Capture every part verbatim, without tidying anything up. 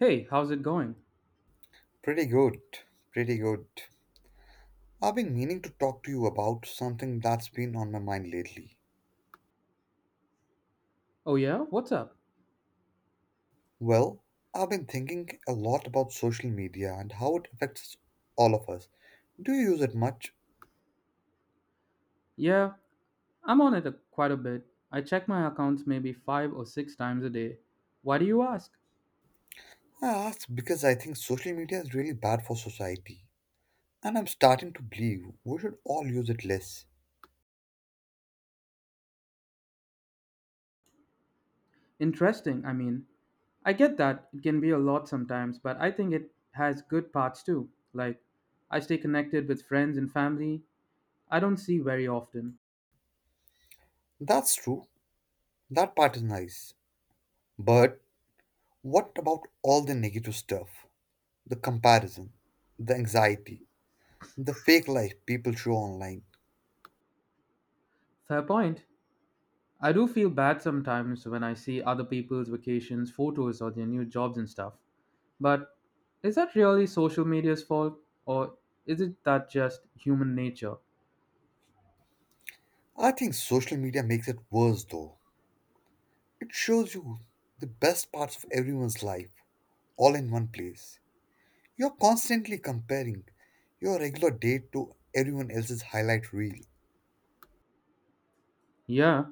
Hey, how's it going? Pretty good, pretty good. I've been meaning to talk to you about something that's been on my mind lately. Oh, yeah? What's up? Well, I've been thinking a lot about social media and how it affects all of us. Do you use it much? Yeah, I'm on it a, quite a bit. I check my accounts maybe five or six times a day. Why do you ask? I ask because I think social media is really bad for society. And I'm starting to believe we should all use it less. Interesting, I mean. I get that it can be a lot sometimes, but I think it has good parts too. Like, I stay connected with friends and family I don't see very often. That's true, that part is nice. But what about all the negative stuff? The comparison, the anxiety, the fake life people show online. Fair point. I do feel bad sometimes when I see other people's vacations, photos, or their new jobs and stuff. But is that really social media's fault or is it that just human nature? I think social media makes it worse though. It shows you the best parts of everyone's life all in one place. You're constantly comparing your regular day to everyone else's highlight reel. Yeah,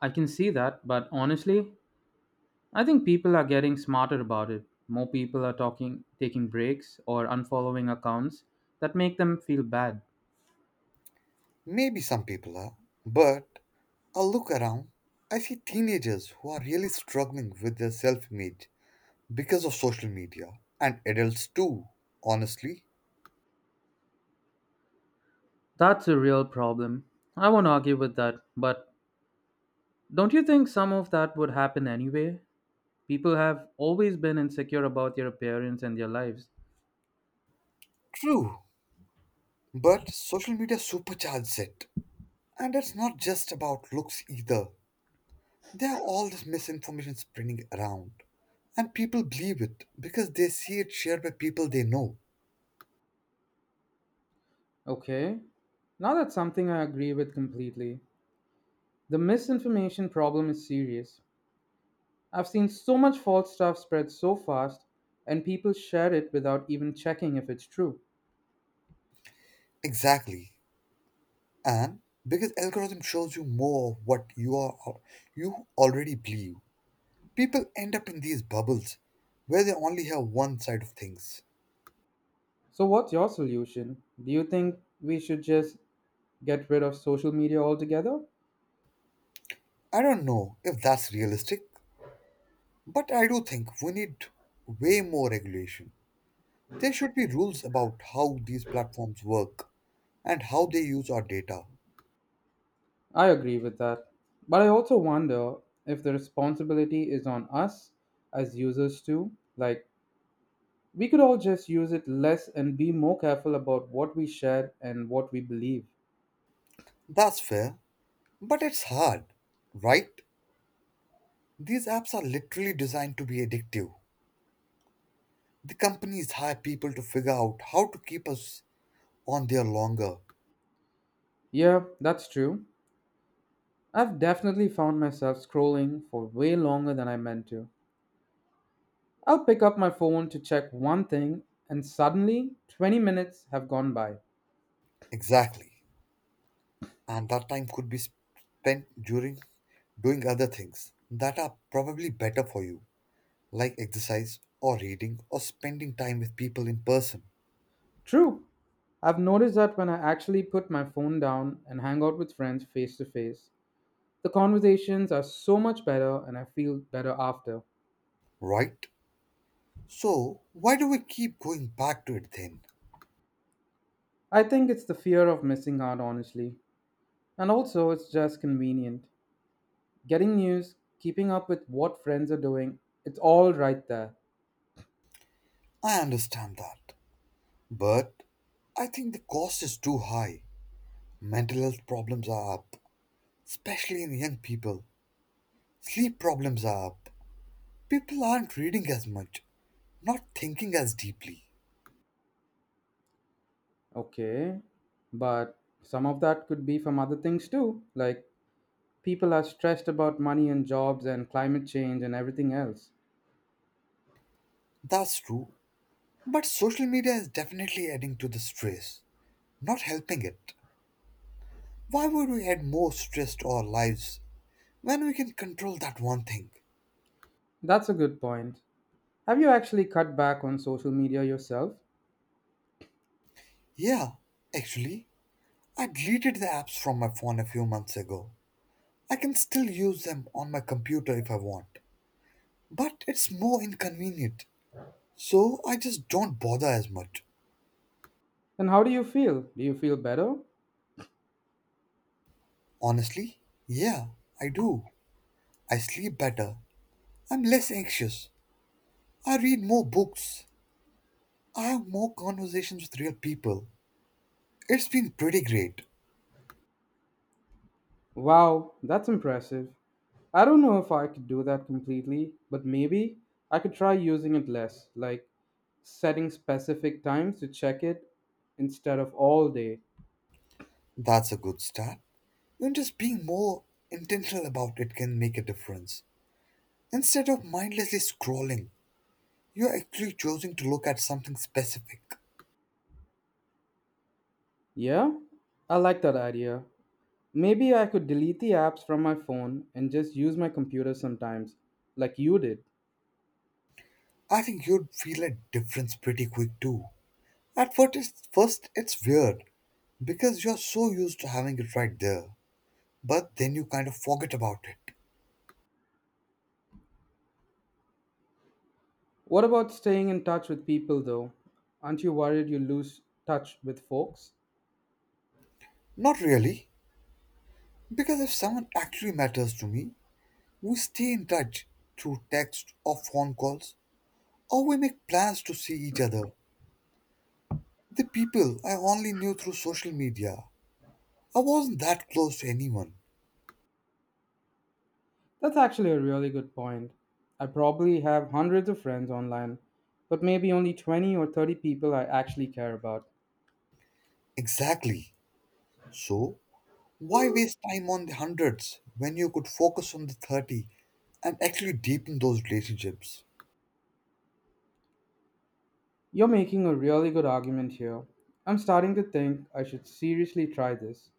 I can see that, but honestly, I think people are getting smarter about it. More people are talking taking breaks or unfollowing accounts that make them feel bad. Maybe some people are, but I look around, I see teenagers who are really struggling with their self image because of social media, and adults too, honestly. That's a real problem. I won't argue with that, but don't you think some of that would happen anyway? People have always been insecure about their appearance and their lives. True, but social media supercharges it. And it's not just about looks either. There are all this misinformation spreading around, and people believe it because they see it shared by people they know. Okay, now that's something I agree with completely. The misinformation problem is serious. I've seen so much false stuff spread so fast, and people share it without even checking if it's true. Exactly, and because algorithm shows you more of what you are you already believe. People end up in these bubbles where they only have one side of things. So, what's your solution? Do you think we should just get rid of social media altogether? I don't know if that's realistic, but I do think we need way more regulation. There should be rules about how these platforms work and how they use our data. I agree with that. But I also wonder if the responsibility is on us as users too. Like, we could all just use it less and be more careful about what we share and what we believe. That's fair. But it's hard, right? These apps are literally designed to be addictive. The companies hire people to figure out how to keep us on there longer. Yeah, that's true. I've definitely found myself scrolling for way longer than I meant to. I'll pick up my phone to check one thing, and suddenly twenty minutes have gone by. Exactly. And that time could be spent during doing other things that are probably better for you, like exercise or reading or spending time with people in person, True, I've noticed that when I actually put my phone down and hang out with friends face to face, the conversations are so much better and I feel better after. right? So, why do we keep going back to it then? I think it's the fear of missing out, honestly. And also, it's just convenient. Getting news, keeping up with what friends are doing, it's all right there. I understand that. But I think the cost is too high. Mental health problems are up, especially in young people. Sleep problems are up. People aren't reading as much, not thinking as deeply. Okay, but some of that could be from other things too. Like people are stressed about money and jobs and climate change and everything else. That's true, but social media is definitely adding to the stress, not helping it. Why would we add more stress to our lives when we can control that one thing? That's a good point. Have you actually cut back on social media yourself? Yeah, actually, I deleted the apps from my phone a few months ago. I can still use them on my computer if I want, but it's more inconvenient. So I just don't bother as much. And how do you feel? Do you feel better? Honestly, yeah, I do. I sleep better. I'm less anxious. I read more books. I have more conversations with real people. It's been pretty great. Wow, that's impressive. I don't know if I could do that completely, but maybe I could try using it less, like setting specific times to check it instead of all day. That's a good start. Even just being more intentional about it can make a difference. Instead of mindlessly scrolling, you're actually choosing to look at something specific. Yeah, I like that idea. Maybe I could delete the apps from my phone and just use my computer sometimes, like you did. I think you'd feel a difference pretty quick too. At first, it's, first, it's weird. Because you're so used to having it right there, but then you kind of forget about it. What about staying in touch with people though? Aren't you worried you lose touch with folks? Not really, because if someone actually matters to me, we stay in touch through text or phone calls, or we make plans to see each other. The people I only knew through social media, I wasn't that close to anyone. That's actually a really good point. I probably have hundreds of friends online, but maybe only twenty or thirty people I actually care about. Exactly. So, why waste time on the hundreds when you could focus on the thirty and actually deepen those relationships? You're making a really good argument here. I'm starting to think I should seriously try this.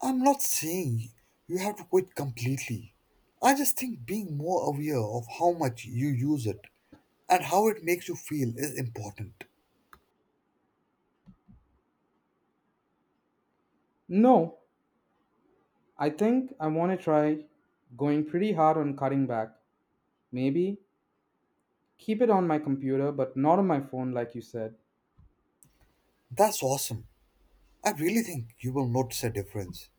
I'm not saying you have to quit completely. I just think being more aware of how much you use it and how it makes you feel is important. No, I think I want to try going pretty hard on cutting back. Maybe keep it on my computer, but not on my phone, like you said. That's awesome. I really think you will notice a difference.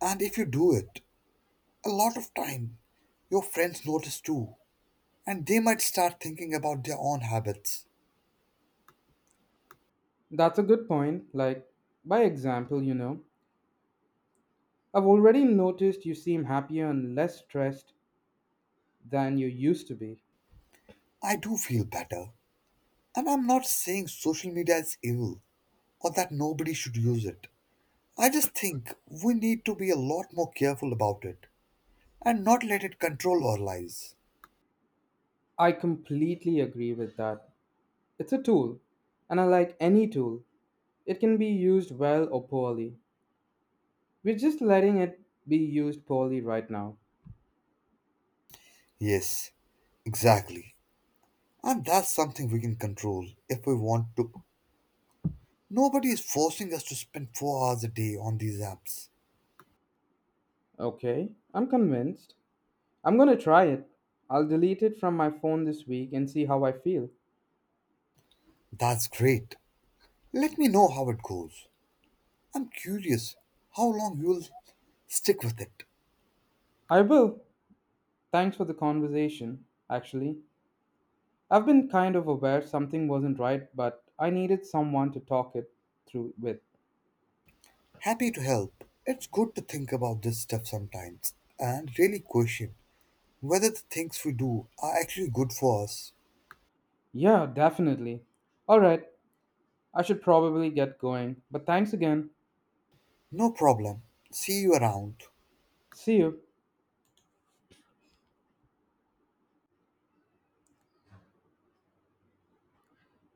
And if you do it, a lot of time, your friends notice too, and they might start thinking about their own habits. That's a good point. Like, by example, you know, I've already noticed you seem happier and less stressed than you used to be. I do feel better. And I'm not saying social media is evil or that nobody should use it. I just think we need to be a lot more careful about it and not let it control our lives. I completely agree with that. It's a tool, and I like any tool. It can be used well or poorly. We're just letting it be used poorly right now. Yes, exactly. And that's something we can control if we want to. Nobody is forcing us to spend four hours a day on these apps. Okay, I'm convinced. I'm gonna try it. I'll delete it from my phone this week and see how I feel. That's great. Let me know how it goes. I'm curious how long you'll stick with it. I will. Thanks for the conversation, actually. I've been kind of aware something wasn't right, but I needed someone to talk it through with. Happy to help. It's good to think about this stuff sometimes and really question whether the things we do are actually good for us. Yeah, definitely. Alright, I should probably get going, but thanks again. No problem. See you around. See you.